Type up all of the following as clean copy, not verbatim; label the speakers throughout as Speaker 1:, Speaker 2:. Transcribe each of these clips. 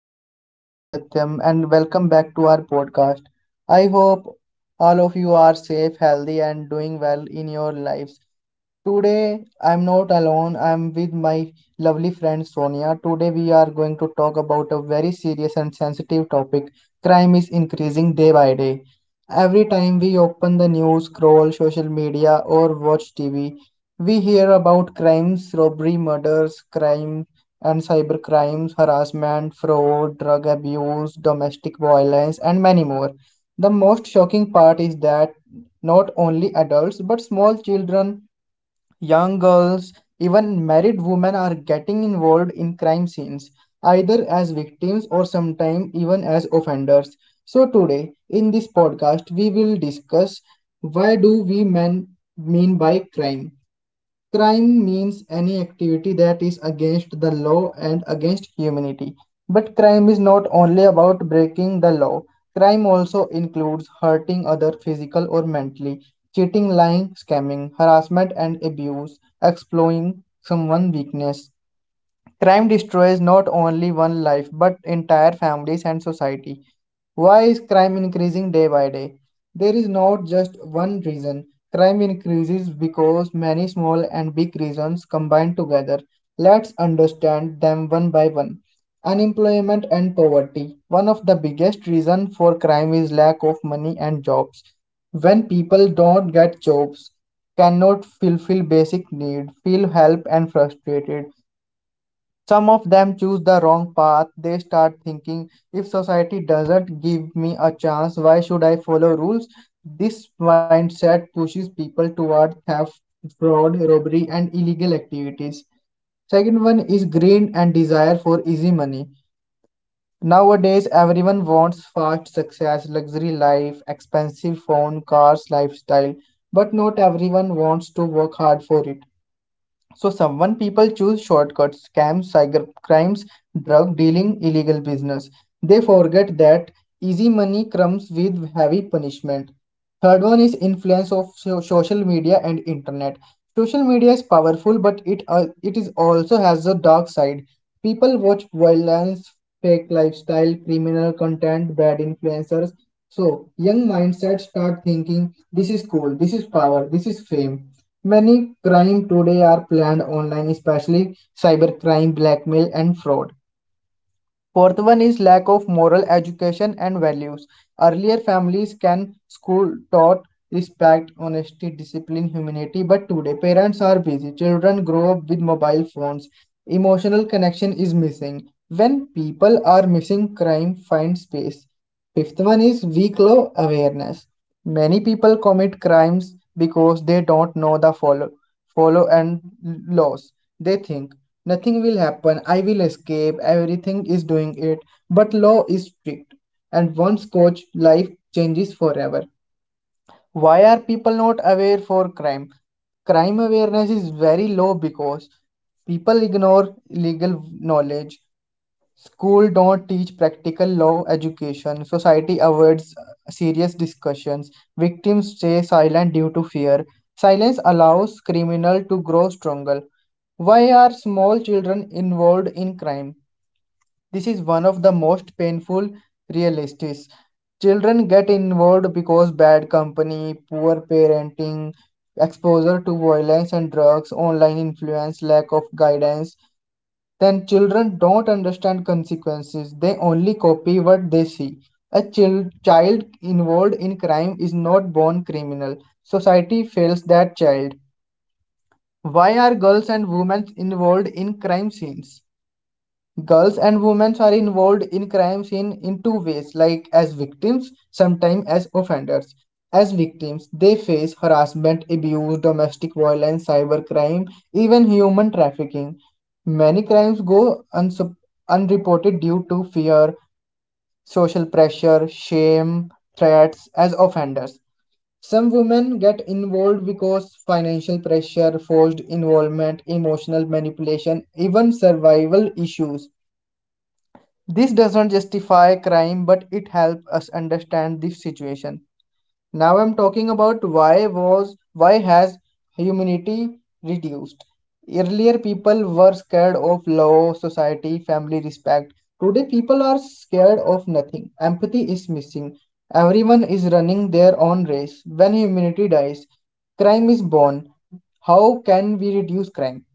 Speaker 1: everyone, my name is Satyam and welcome back to our podcast. I hope all of you are safe, healthy, and doing well in your lives. Today I'm not alone, I'm with my lovely friend Sonia. Today we are going to talk about a very serious and sensitive topic. Crime is increasing day by day. Every time we open the news, scroll social media, or watch TV, we hear about crimes, robbery, murders, crime and cyber crimes, harassment, fraud, drug abuse, domestic violence, and many more. The most shocking part is that not only adults but small children, young girls, even married women are getting involved in crime scenes, either as victims or sometimes even as offenders. So, today in this podcast, we will discuss why do we men mean by crime. Crime means any activity that is against the law and against humanity. But crime is not only about breaking the law. Crime also includes hurting other physical or mentally, cheating, lying, scamming, harassment and abuse, exploiting someone's weakness. Crime destroys not only one life but entire families and society. Why is crime increasing day by day? There is not just one reason. Crime increases because many small and big reasons combine together. Let's understand them one by one. Unemployment and poverty. One of the biggest reasons for crime is lack of money and jobs. When people don't get jobs, cannot fulfill basic need, feel help and frustrated some of them choose the wrong path. They start thinking, if society doesn't give me a chance, why should I follow rules? This mindset pushes people toward theft, fraud, robbery, and illegal activities. Second one is greed and desire for easy money. Nowadays, everyone wants fast success, luxury life, expensive phone, cars, lifestyle, but not everyone wants to work hard for it. So someone people choose shortcuts, scams, cyber crimes, drug dealing, illegal business. They forget that easy money comes with heavy punishment. Third one is influence of social media and internet. Social media is powerful, but it is also has a dark side. People watch violence, fake lifestyle, criminal content, bad influencers. So young mindset start thinking this is cool, this is power, this is fame. Many crime today are planned online, especially cybercrime, blackmail, and fraud. Fourth one is lack of moral education and values. Earlier families can school taught respect, honesty, discipline, humanity, but today parents are busy. Children grow up with mobile phones. Emotional connection is missing. When people are missing, crime finds space. Fifth one is weak law awareness. Many people commit crimes because they don't know the follow and laws. They think nothing will happen, I will escape, everything is doing it. But law is strict, and once caught, life changes forever. Why are people not aware for crime? Crime awareness is very low because people ignore legal knowledge. School don't teach practical law education. Society avoids serious discussions. Victims stay silent due to fear. Silence allows criminal to grow stronger. Why are small children involved in crime? This is one of the most painful realities. Children get involved because bad company, poor parenting, exposure to violence and drugs, online influence, lack of guidance then children don't understand consequences. They only copy what they see. A child involved in crime is not born criminal. Society fails that child. Why are girls and women involved in crime scenes? Girls and women are involved in crime scene in two ways, like as victims, sometimes as offenders. As victims, they face harassment, abuse, domestic violence, cybercrime, even human trafficking. Many crimes go unreported due to fear, social pressure, shame, threats. As offenders, some women get involved because financial pressure, forced involvement, emotional manipulation, even survival issues. This doesn't justify crime, but it helps us understand this situation. Now I'm talking about why has humanity reduced. Earlier people were scared of law, society, family respect. Today people are scared of nothing. Empathy is missing. Everyone is running their own race. When humanity dies, crime is born. How can we reduce crime?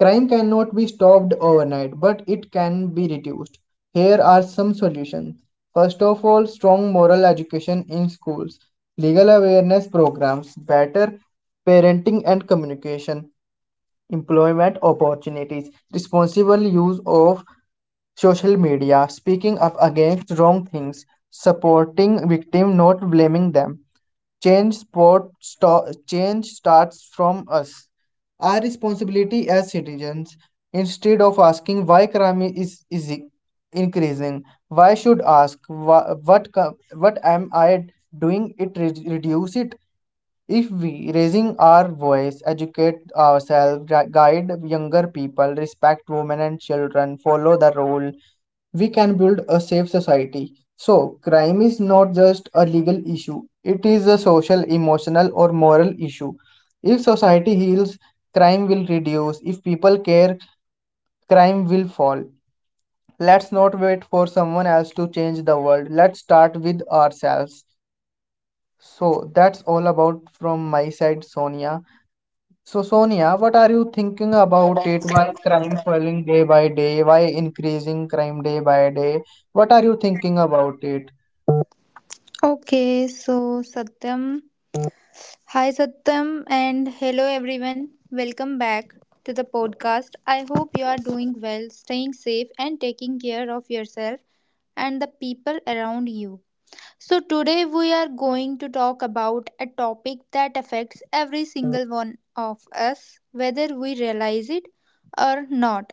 Speaker 1: Crime cannot be stopped overnight, but it can be reduced. Here are some solutions. First of all, strong moral education in schools, legal awareness programs, better parenting and communication, employment opportunities, responsible use of social media, speaking up against wrong things, supporting victims, not blaming them. Change starts from us. Our responsibility as citizens, instead of asking why crime is increasing, why should ask what am I doing it re- reduce it? If we, raising our voice, educate ourselves, guide younger people, respect women and children, follow the rule, we can build a safe society. So, crime is not just a legal issue, it is a social, emotional, or moral issue. If society heals, crime will reduce. If people care, crime will fall. Let's not wait for someone else to change the world. Let's start with ourselves. So, that's all about from my side, Sonia. So, Sonia, what are you thinking about it? Why crime falling day by day? Why increasing crime day by day? What are you thinking about it?
Speaker 2: Okay, so Satyam. Hi Satyam and hello everyone. Welcome back to the podcast. I hope you are doing well, staying safe and taking care of yourself and the people around you. So today we are going to talk about a topic that affects every single one of us whether we realize it or not.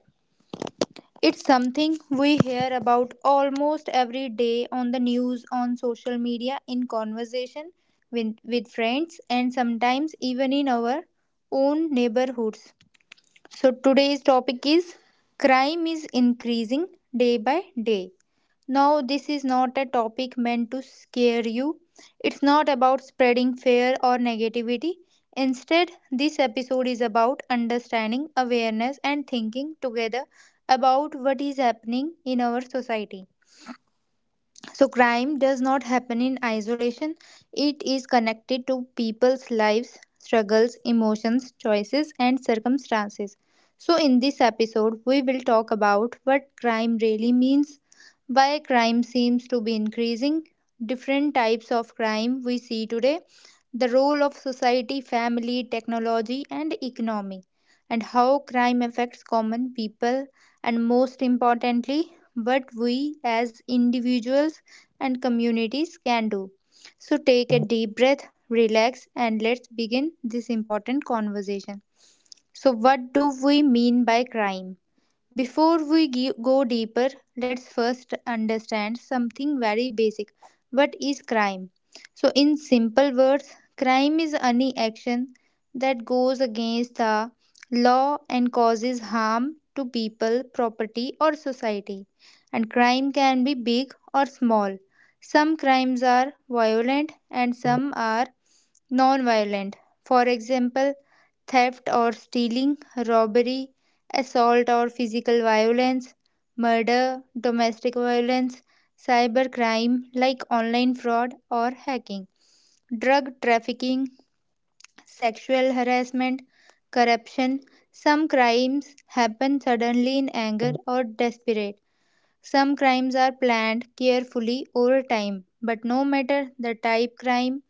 Speaker 2: It's something we hear about almost every day on the news, on social media, in conversation with friends, and sometimes even in our own neighborhoods. So, today's topic is crime is increasing day by day. Now, this is not a topic meant to scare you. It's not about spreading fear or negativity. Instead, this episode is about understanding, awareness, and thinking together about what is happening in our society. So, crime does not happen in isolation, it is connected to people's lives, struggles, emotions, choices, and circumstances. So, in this episode, we will talk about what crime really means, why crime seems to be increasing, different types of crime we see today, the role of society, family, technology, and economy, and how crime affects common people, and most importantly, what we as individuals and communities can do. So take a deep breath, relax, and let's begin this important conversation. So, what do we mean by crime? Before we go deeper, let's first understand something very basic. What is crime? So, in simple words, crime is any action that goes against the law and causes harm to people, property, or society. And crime can be big or small. Some crimes are violent and some are non-violent, for example, theft or stealing, robbery, assault or physical violence, murder, domestic violence, cybercrime like online fraud or hacking, drug trafficking, sexual harassment, corruption. Some crimes happen suddenly in anger or desperate. Some crimes are planned carefully over time, but no matter the type crime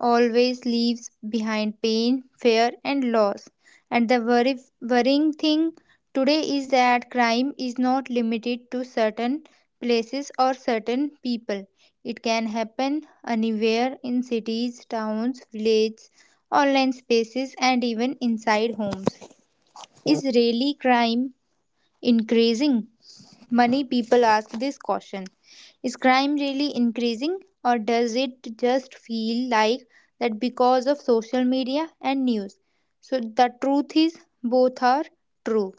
Speaker 2: always leaves behind pain, fear, and loss. And the worrying thing today is that crime is not limited to certain places or certain people. It can happen anywhere in cities, towns, villages, online spaces, and even inside homes. Is really crime increasing? Many people ask this question: Is crime really increasing, or does it just feel like that because of social media and news? So, the truth is, both are true.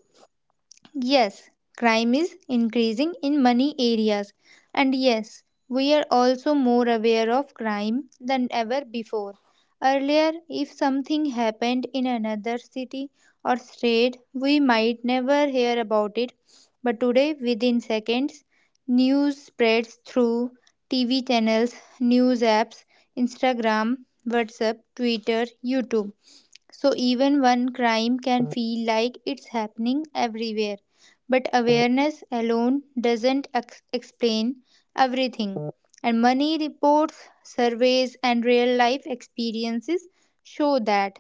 Speaker 2: Yes, crime is increasing in many areas, and yes, we are also more aware of crime than ever before. Earlier, if something happened in another city or state, we might never hear about it, but today, within seconds, news spreads through TV channels, news apps, Instagram, WhatsApp, Twitter, YouTube. So even one crime can feel like it's happening everywhere. But awareness alone doesn't explain everything. And money reports, surveys, and real life experiences show that.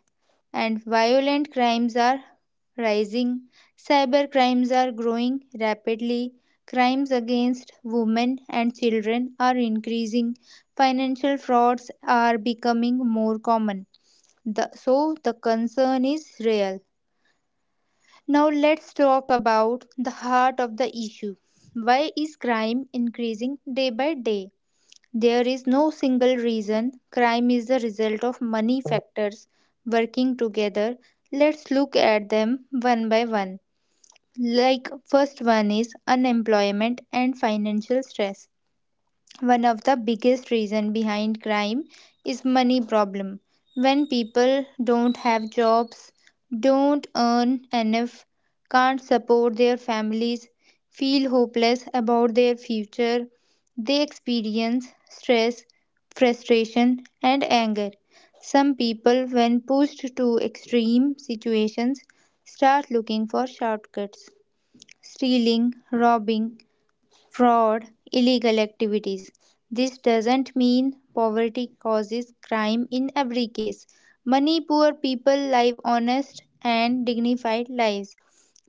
Speaker 2: And violent crimes are rising, cyber crimes are growing rapidly, crimes against women and children are increasing, financial frauds are becoming more common so the concern is real. Now let's talk about the heart of the issue. Why is crime increasing day by day? There is no single reason. Crime is the result of many factors working together. Let's look at them one by one. Like first one is unemployment and financial stress, one of the biggest reason behind crime is money problem. When people don't have jobs, don't earn enough, can't support their families, feel hopeless about their future, they experience stress, frustration, and anger. Some people when pushed to extreme situations start looking for shortcuts, stealing, robbing, fraud, illegal activities. This doesn't mean poverty causes crime in every case. Money poor people live honest and dignified lives,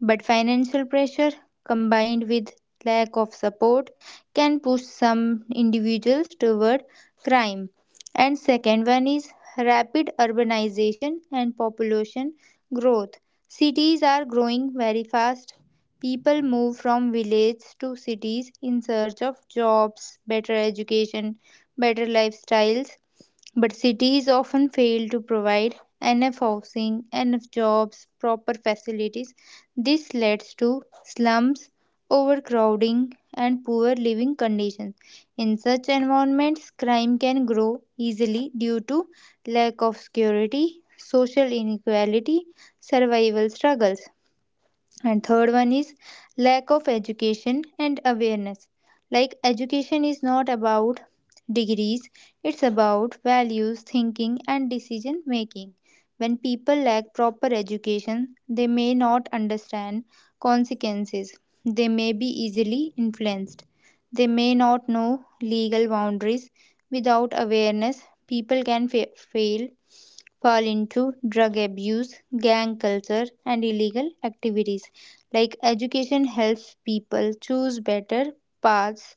Speaker 2: but financial pressure combined with lack of support can push some individuals toward crime. And second one is rapid urbanization and population growth. Cities are growing very fast. People move from villages to cities in search of jobs, better education, better lifestyles, but cities often fail to provide enough housing, enough jobs, proper facilities. This leads to slums, overcrowding, and poor living conditions. In such environments, crime can grow easily due to lack of security, social inequality, survival struggles. And third one is lack of education and awareness. Like education is not about degrees, it's about values, thinking and decision making. When people lack proper education, they may not understand consequences, they may be easily influenced, they may not know legal boundaries. Without awareness, people can fa- fail fall into drug abuse, gang culture and illegal activities. Like education helps people choose better paths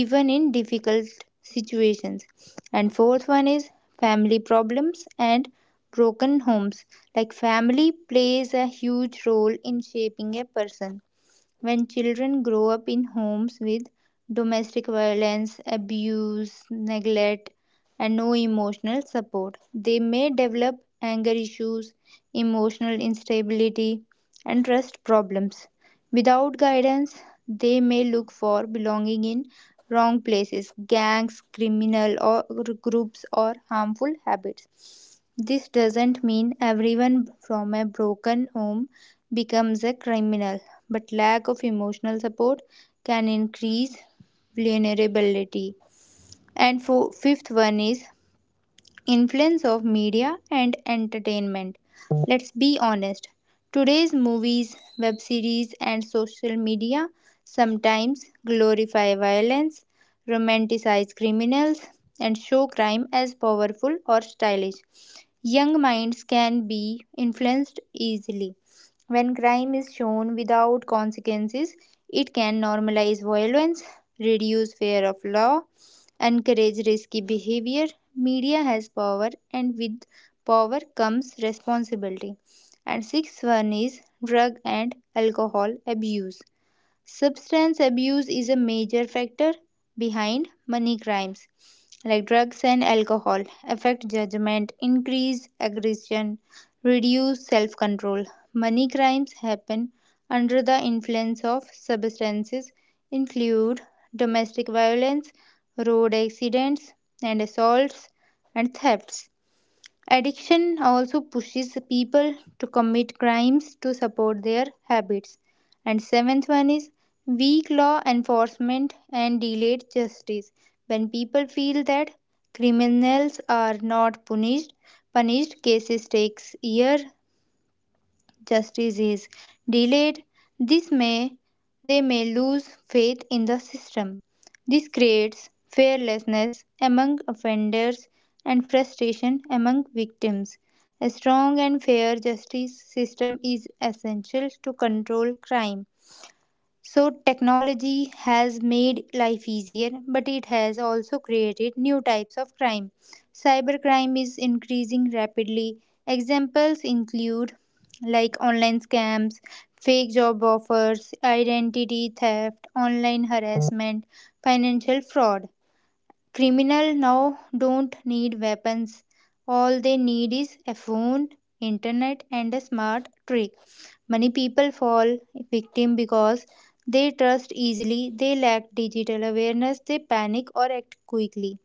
Speaker 2: even in difficult situations. And fourth one is family problems and broken homes. Like family plays a huge role in shaping a person. When children grow up in homes with domestic violence, abuse, neglect, and no emotional support, they may develop anger issues, emotional instability, and trust problems. Without guidance, they may look for belonging in wrong places, gangs, criminal or groups, or harmful habits. This doesn't mean everyone from a broken home becomes a criminal, but lack of emotional support can increase vulnerability. And for fifth one is influence of media and entertainment. Let's be honest. Today's movies, web series and social media sometimes glorify violence, romanticize criminals and show crime as powerful or stylish. Young minds can be influenced easily. When crime is shown without consequences, it can normalize violence, reduce fear of law, encourage risky behavior. Media has power, and with power comes responsibility. And sixth one is drug and alcohol abuse. Substance abuse is a major factor behind money crimes, like drugs and alcohol, affect judgment, increase aggression, reduce self control. Money crimes happen under the influence of substances, include domestic violence, road accidents, and assaults and thefts. Addiction also pushes people to commit crimes to support their habits. And seventh one is weak law enforcement and delayed justice. When people feel that criminals are not punished, cases takes years, justice is delayed, this may they may lose faith in the system. This creates fearlessness among offenders and frustration among victims. A strong and fair justice system is essential to control crime. So, technology has made life easier, but it has also created new types of crime. Cybercrime is increasing rapidly. Examples include like online scams, fake job offers, identity theft, online harassment, financial fraud. Criminals now don't need weapons. All they need is a phone, internet, and a smart trick. Many people fall victim because they trust easily, they lack digital awareness, they panic or act quickly.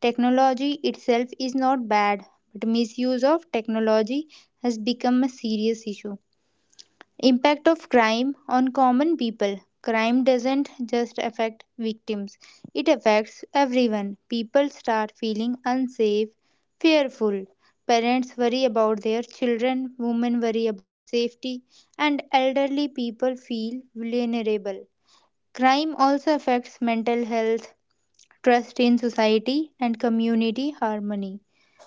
Speaker 2: Technology itself is not bad, but misuse of technology has become a serious issue. Impact of crime on common people. Crime doesn't just affect victims, it affects everyone. People start feeling unsafe, fearful. Parents worry about their children, women worry about safety, and elderly people feel vulnerable. Crime also affects mental health, trust in society, and community harmony.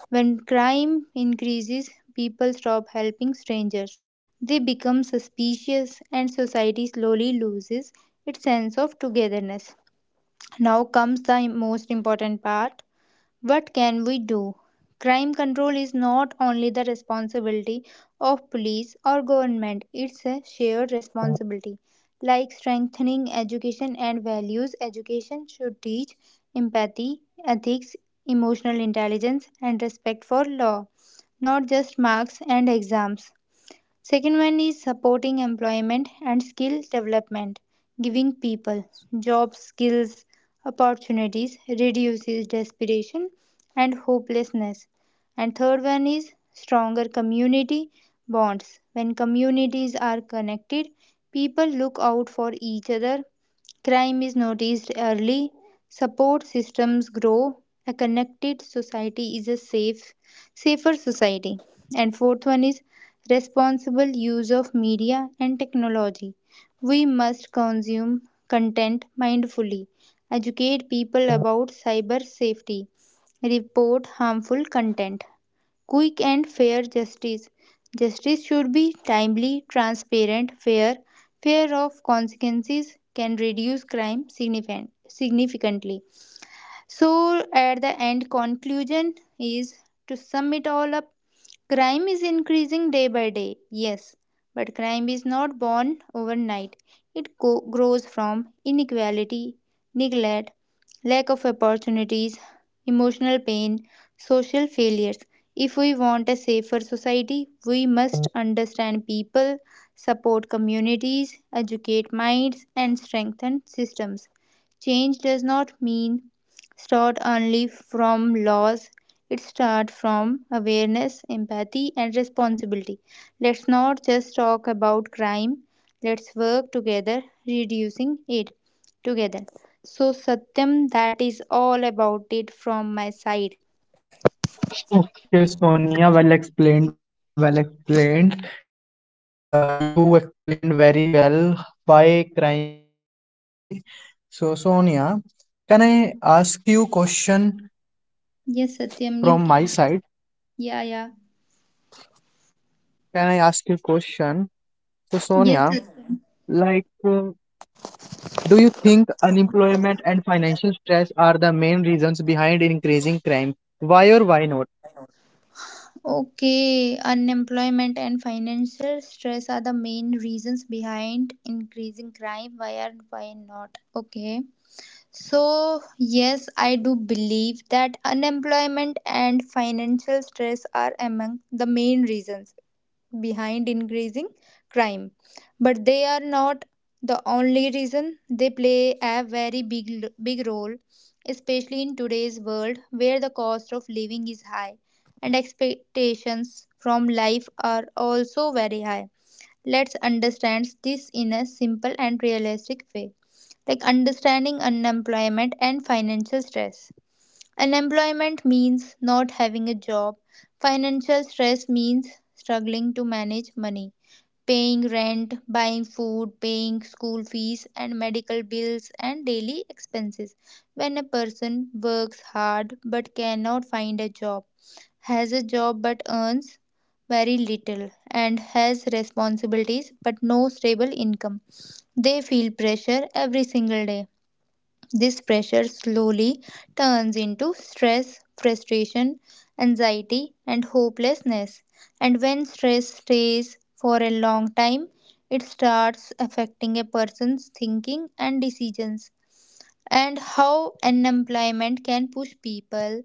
Speaker 2: When crime increases, people stop helping strangers. They become suspicious, and society slowly loses its sense of togetherness. Now comes the most important part: what can we do? Crime control is not only the responsibility of police or government, it's a shared responsibility. Like strengthening education and values, education should teach empathy, ethics, emotional intelligence, and respect for law, not just marks and exams. Second one is supporting employment and skill development, giving people jobs, skills, opportunities, reduces desperation and hopelessness. And third one is stronger community bonds. When communities are connected, people look out for each other, crime is noticed early, support systems grow, a connected society is a safer society. And fourth one is responsible use of media and technology. We must consume content mindfully, educate people about cyber safety, report harmful content, quick and fair justice. Justice should be timely, transparent, fair. Fear of consequences can reduce crime significantly. So, at the end, conclusion is to sum it all up. Crime is increasing day by day, yes, but crime is not born overnight. It grows from inequality, neglect, lack of opportunities, emotional pain, social failures. If we want a safer society, we must understand people, support communities, educate minds, and strengthen systems. Change does not mean start only from laws. It starts from awareness, empathy, and responsibility. Let's not just talk about crime. Let's work together, reducing it together. So, Satyam, that is all about it from my side.
Speaker 1: Okay, Sonia, well explained, well explained. You explained very well why crime increased day by day. So, Sonia, can I ask you question
Speaker 2: Yes,
Speaker 1: from my
Speaker 2: Satyam,
Speaker 1: side?
Speaker 2: you can ask. Yeah, yeah.
Speaker 1: Can I ask you question? So, Sonia,
Speaker 2: Yes, Satyam.
Speaker 1: like do you think unemployment and financial stress are the main reasons behind increasing crime? Why or why not?
Speaker 2: Okay, unemployment and financial stress are the main reasons behind increasing crime. Why are why not? Okay. So, yes, I do believe that unemployment and financial stress are among the main reasons behind increasing crime. But they are not the only reason. They play a very big role, especially in today's world where the cost of living is high and expectations from life are also very high. Let's understand this in a simple and realistic way, like understanding unemployment and financial stress. Unemployment means not having a job, financial stress means struggling to manage money, paying rent, buying food, paying school fees, and medical bills and daily expenses. When a person works hard but cannot find a job, has a job but earns very little and has responsibilities but no stable income, they feel pressure every single day. This pressure slowly turns into stress, frustration, anxiety, and hopelessness. And when stress stays for a long time, it starts affecting a person's thinking and decisions, and how unemployment can push people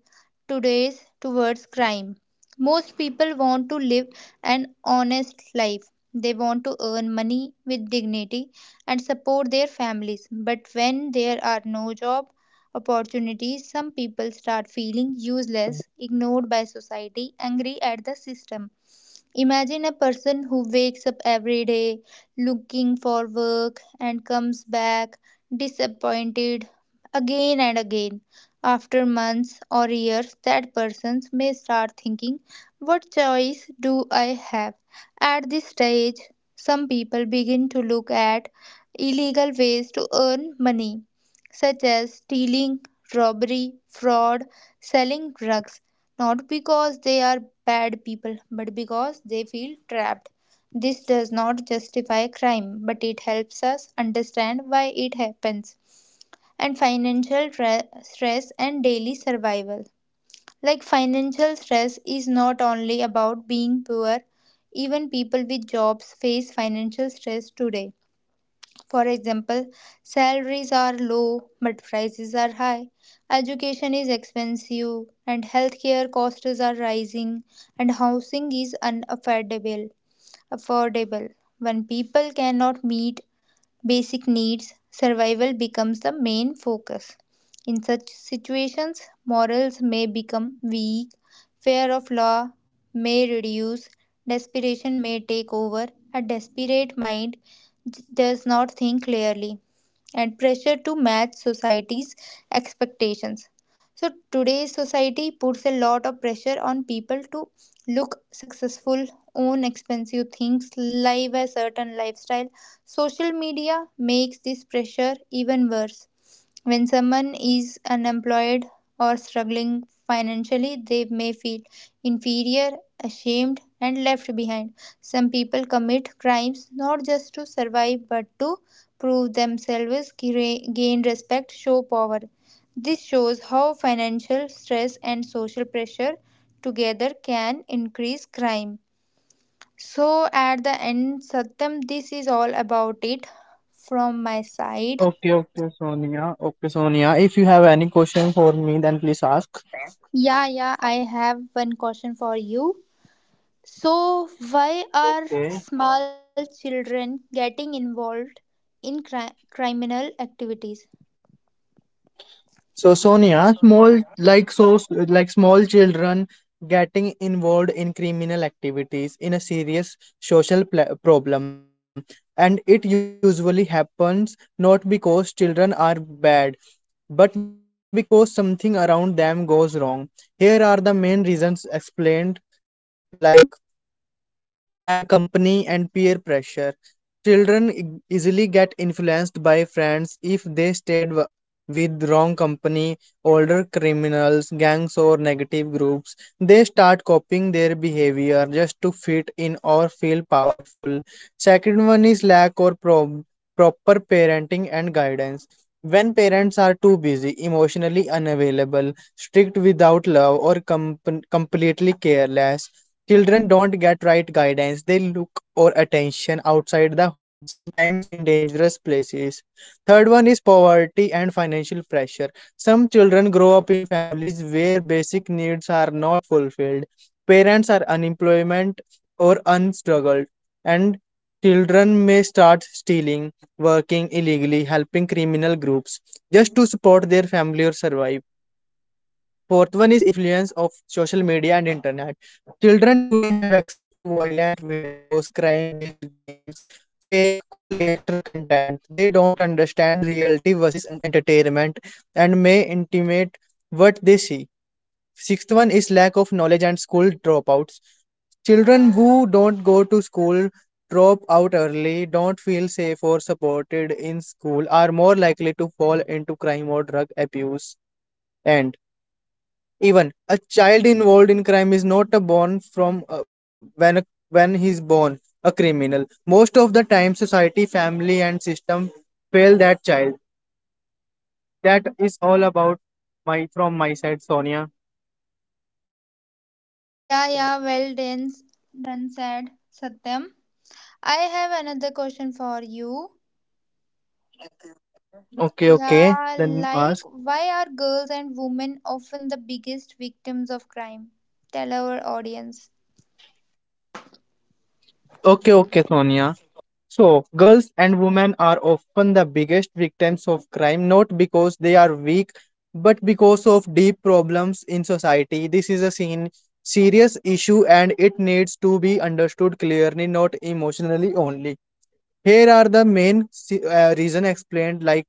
Speaker 2: today's towards crime. Most people want to live an honest life. They want to earn money with dignity and support their families. But when there are no job opportunities, some people start feeling useless, ignored by society, angry at the system. Imagine a person who wakes up every day looking for work and comes back disappointed again and again. After months or years, that person may start thinking, what choice do I have? At this stage, some people begin to look at illegal ways to earn money, such as stealing, robbery, fraud, selling drugs, not because they are bad people, but because they feel trapped. This does not justify crime, but it helps us understand why it happens. And stress and daily survival. Like, financial stress is not only about being poor, even people with jobs face financial stress today. For example, salaries are low but prices are high, education is expensive, and healthcare costs are rising, and housing is unaffordable. Affordable. When people cannot meet basic needs, survival becomes the main focus. In such situations, morals may become weak, fear of law may reduce, desperation may take over. A desperate mind does not think clearly, and pressure to match society's expectations. So, today's society puts a lot of pressure on people to look successful, own expensive things, live a certain lifestyle. Social media makes this pressure even worse. When someone is unemployed or struggling financially, they may feel inferior, ashamed, and left behind. Some people commit crimes not just to survive but to prove themselves, gain respect, show power. This shows how financial stress and social pressure together can increase crime. So, at the end, Satyam, this is all about it from my side.
Speaker 1: Okay, okay, Sonia. Okay, Sonia. If you have any question for me, then please ask.
Speaker 2: Yeah, yeah, I have one question for you. So, why are
Speaker 1: Okay.
Speaker 2: small children getting involved in criminal activities?
Speaker 1: So Sonia, small like so like small children getting involved in criminal activities in a serious social problem, and it usually happens not because children are bad, but because something around them goes wrong. Here are the main reasons explained, like bad company, and peer pressure. Children easily get influenced by friends if they stayed with wrong company, older criminals, gangs, or negative groups. They start copying their behavior just to fit in or feel powerful. Second one is lack or proper parenting and guidance. When parents are too busy, emotionally unavailable, strict without love, or completely careless, children don't get right guidance. They look or attention outside the home, sometimes in dangerous places. Third one is poverty and financial pressure. Some children grow up in families where basic needs are not fulfilled. Parents are unemployment or unstruggled, and children may start stealing, working illegally, helping criminal groups just to support their family or survive. Fourth one is influence of social media and internet. Children today have access to violent videos, crime-based games, fake cool gangster content. They don't understand reality versus entertainment and may intimate what they see. Sixth one is lack of knowledge and school dropouts. Children who don't go to school, drop out early, don't feel safe or supported in school, are more likely to fall into crime or drug abuse. And even a child involved in crime is not a born from when he's born a criminal. Most of the time, society, family, and system fail that child. That is all about my from my side, Sonia.
Speaker 2: Yeah, yeah, well done, said Satyam. I have another question for you.
Speaker 1: Okay, okay.
Speaker 2: Yeah,
Speaker 1: Then
Speaker 2: like,
Speaker 1: ask.
Speaker 2: why are girls and women often the biggest victims of crime? Tell our audience.
Speaker 1: Okay, okay, Sonia. So, girls and women are often the biggest victims of crime, not because they are weak, but because of deep problems in society. This is a seen serious issue and it needs to be understood clearly, not emotionally only. Here are the main reason explained, like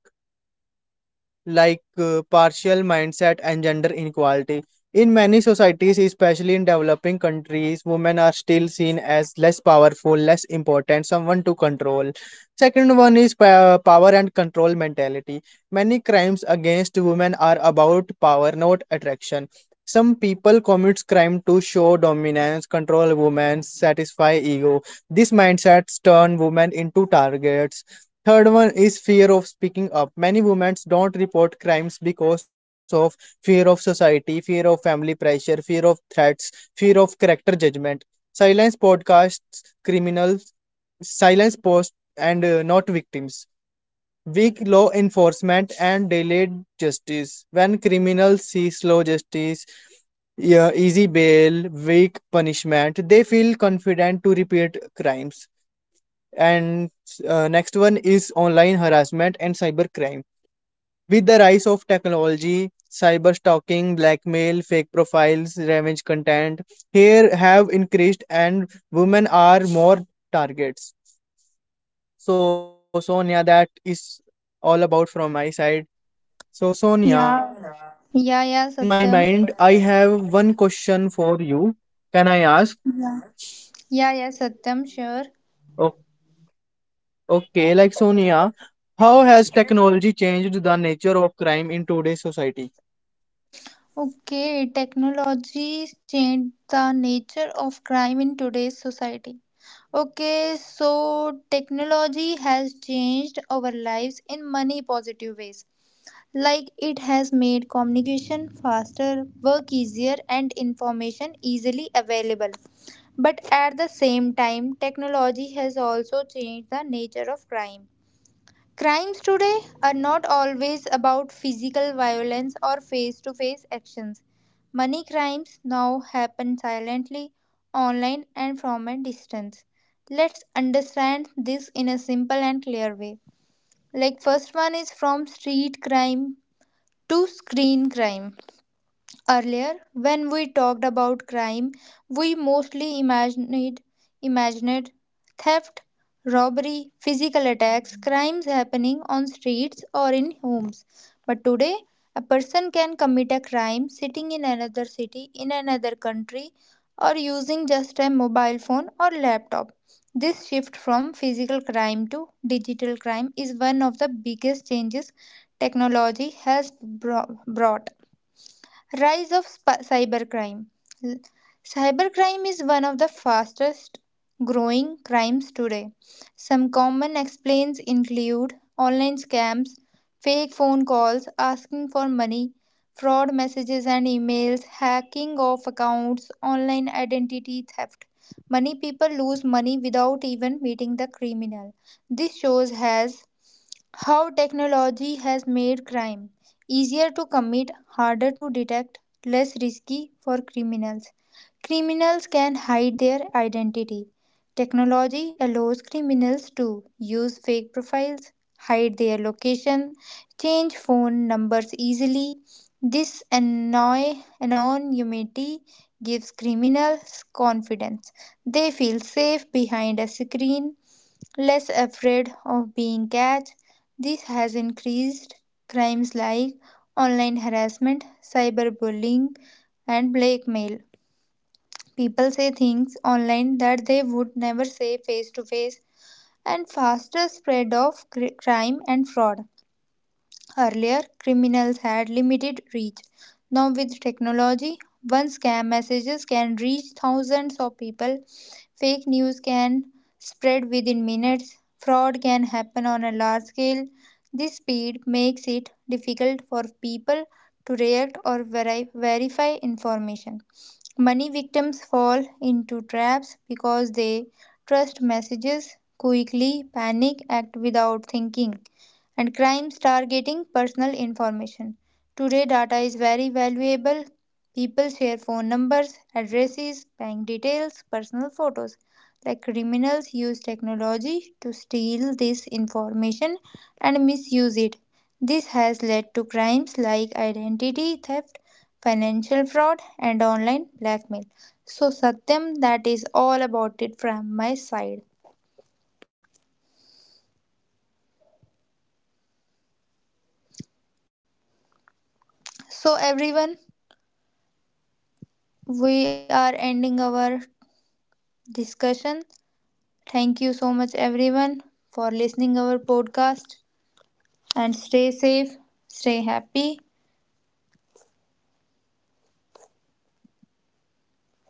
Speaker 1: partial mindset and gender inequality. In many societies, especially in developing countries, women are still seen as less powerful, less important, someone to control. Second one is power and control mentality. Many crimes against women are about power, not attraction. Some people commit crime to show dominance, control women, satisfy ego. These mindsets turn women into targets. Third one is fear of speaking up. Many women don't report crimes because of fear of society, fear of family pressure, fear of threats, fear of character judgment. Silence podcasts criminals, silence posts, and not victims. Weak law enforcement and delayed justice. When criminals see slow justice, yeah, easy bail, weak punishment, they feel confident to repeat crimes and next one is online harassment and cybercrime. With the rise of technology, cyber stalking, blackmail, fake profiles, revenge content here have increased and women are more targets. So Sonia, that is all about from my side. So
Speaker 2: Yeah.
Speaker 1: Sonia,
Speaker 2: Yeah, yeah,
Speaker 1: in my
Speaker 2: Satyam.
Speaker 1: mind I have one question for you. Can I ask?
Speaker 2: Yeah, yeah, Satyam, sure.
Speaker 1: oh, okay, like Sonia, how has technology changed the nature of crime in today's society?
Speaker 2: Okay, technology changed the nature of crime in today's society. Okay, so technology has changed our lives in many positive ways. Like, it has made communication faster, work easier, and information easily available. But at the same time, technology has also changed the nature of crime. Crimes today are not always about physical violence or face to face actions. Money crimes now happen silently, online, and from a distance. Let's understand this in a simple and clear way. Like, first one is from street crime to screen crime. Earlier, when we talked about crime, we mostly imagined theft, robbery, physical attacks, crimes happening on streets or in homes. But today, a person can commit a crime sitting in another city, in another country, or using just a mobile phone or laptop. This shift from physical crime to digital crime is one of the biggest changes technology has brought. Rise of cybercrime. L- Cybercrime is one of the fastest growing crimes today. Some common explains include online scams, fake phone calls asking for money, fraud messages and emails, hacking of accounts, online identity theft. Many people lose money without even meeting the criminal. This shows has how technology has made crime easier to commit, harder to detect, less risky for criminals. Criminals can hide their identity. Technology allows criminals to use fake profiles, hide their location, change phone numbers easily. This anonymity gives criminals confidence. They feel safe behind a screen, less afraid of being catched. This has increased crimes like online harassment, cyberbullying, and blackmail. People say things online that they would never say face to face, and faster spread of crime and fraud. Earlier, criminals had limited reach. Now, with technology, one scam messages can reach thousands of people. Fake news can spread within minutes. Fraud can happen on a large scale. This speed makes it difficult for people to react or verify information. Many victims fall into traps because they trust messages, quickly panic, act without thinking, and crimes targeting personal information. Today, data is very valuable. People share phone numbers, addresses, bank details, personal photos, like criminals use technology to steal this information and misuse it. This has led to crimes like identity theft, financial fraud, and online blackmail. So, Satyam, that is all about it from my side.
Speaker 1: Okay, okay, Sonia, well explained, and I think it is time
Speaker 2: So,
Speaker 1: to moving
Speaker 2: everyone,
Speaker 1: forward to the end of this podcast.
Speaker 2: we are ending our
Speaker 1: So,
Speaker 2: discussion.
Speaker 1: Sonia, I think
Speaker 2: Thank you so much,
Speaker 1: I think
Speaker 2: everyone,
Speaker 1: we are wrap
Speaker 2: for
Speaker 1: up to this
Speaker 2: listening our
Speaker 1: podcast.
Speaker 2: podcast
Speaker 1: So,
Speaker 2: and
Speaker 1: thank
Speaker 2: stay
Speaker 1: you
Speaker 2: safe, stay
Speaker 1: for
Speaker 2: happy,
Speaker 1: everyone. So, thanks, guys.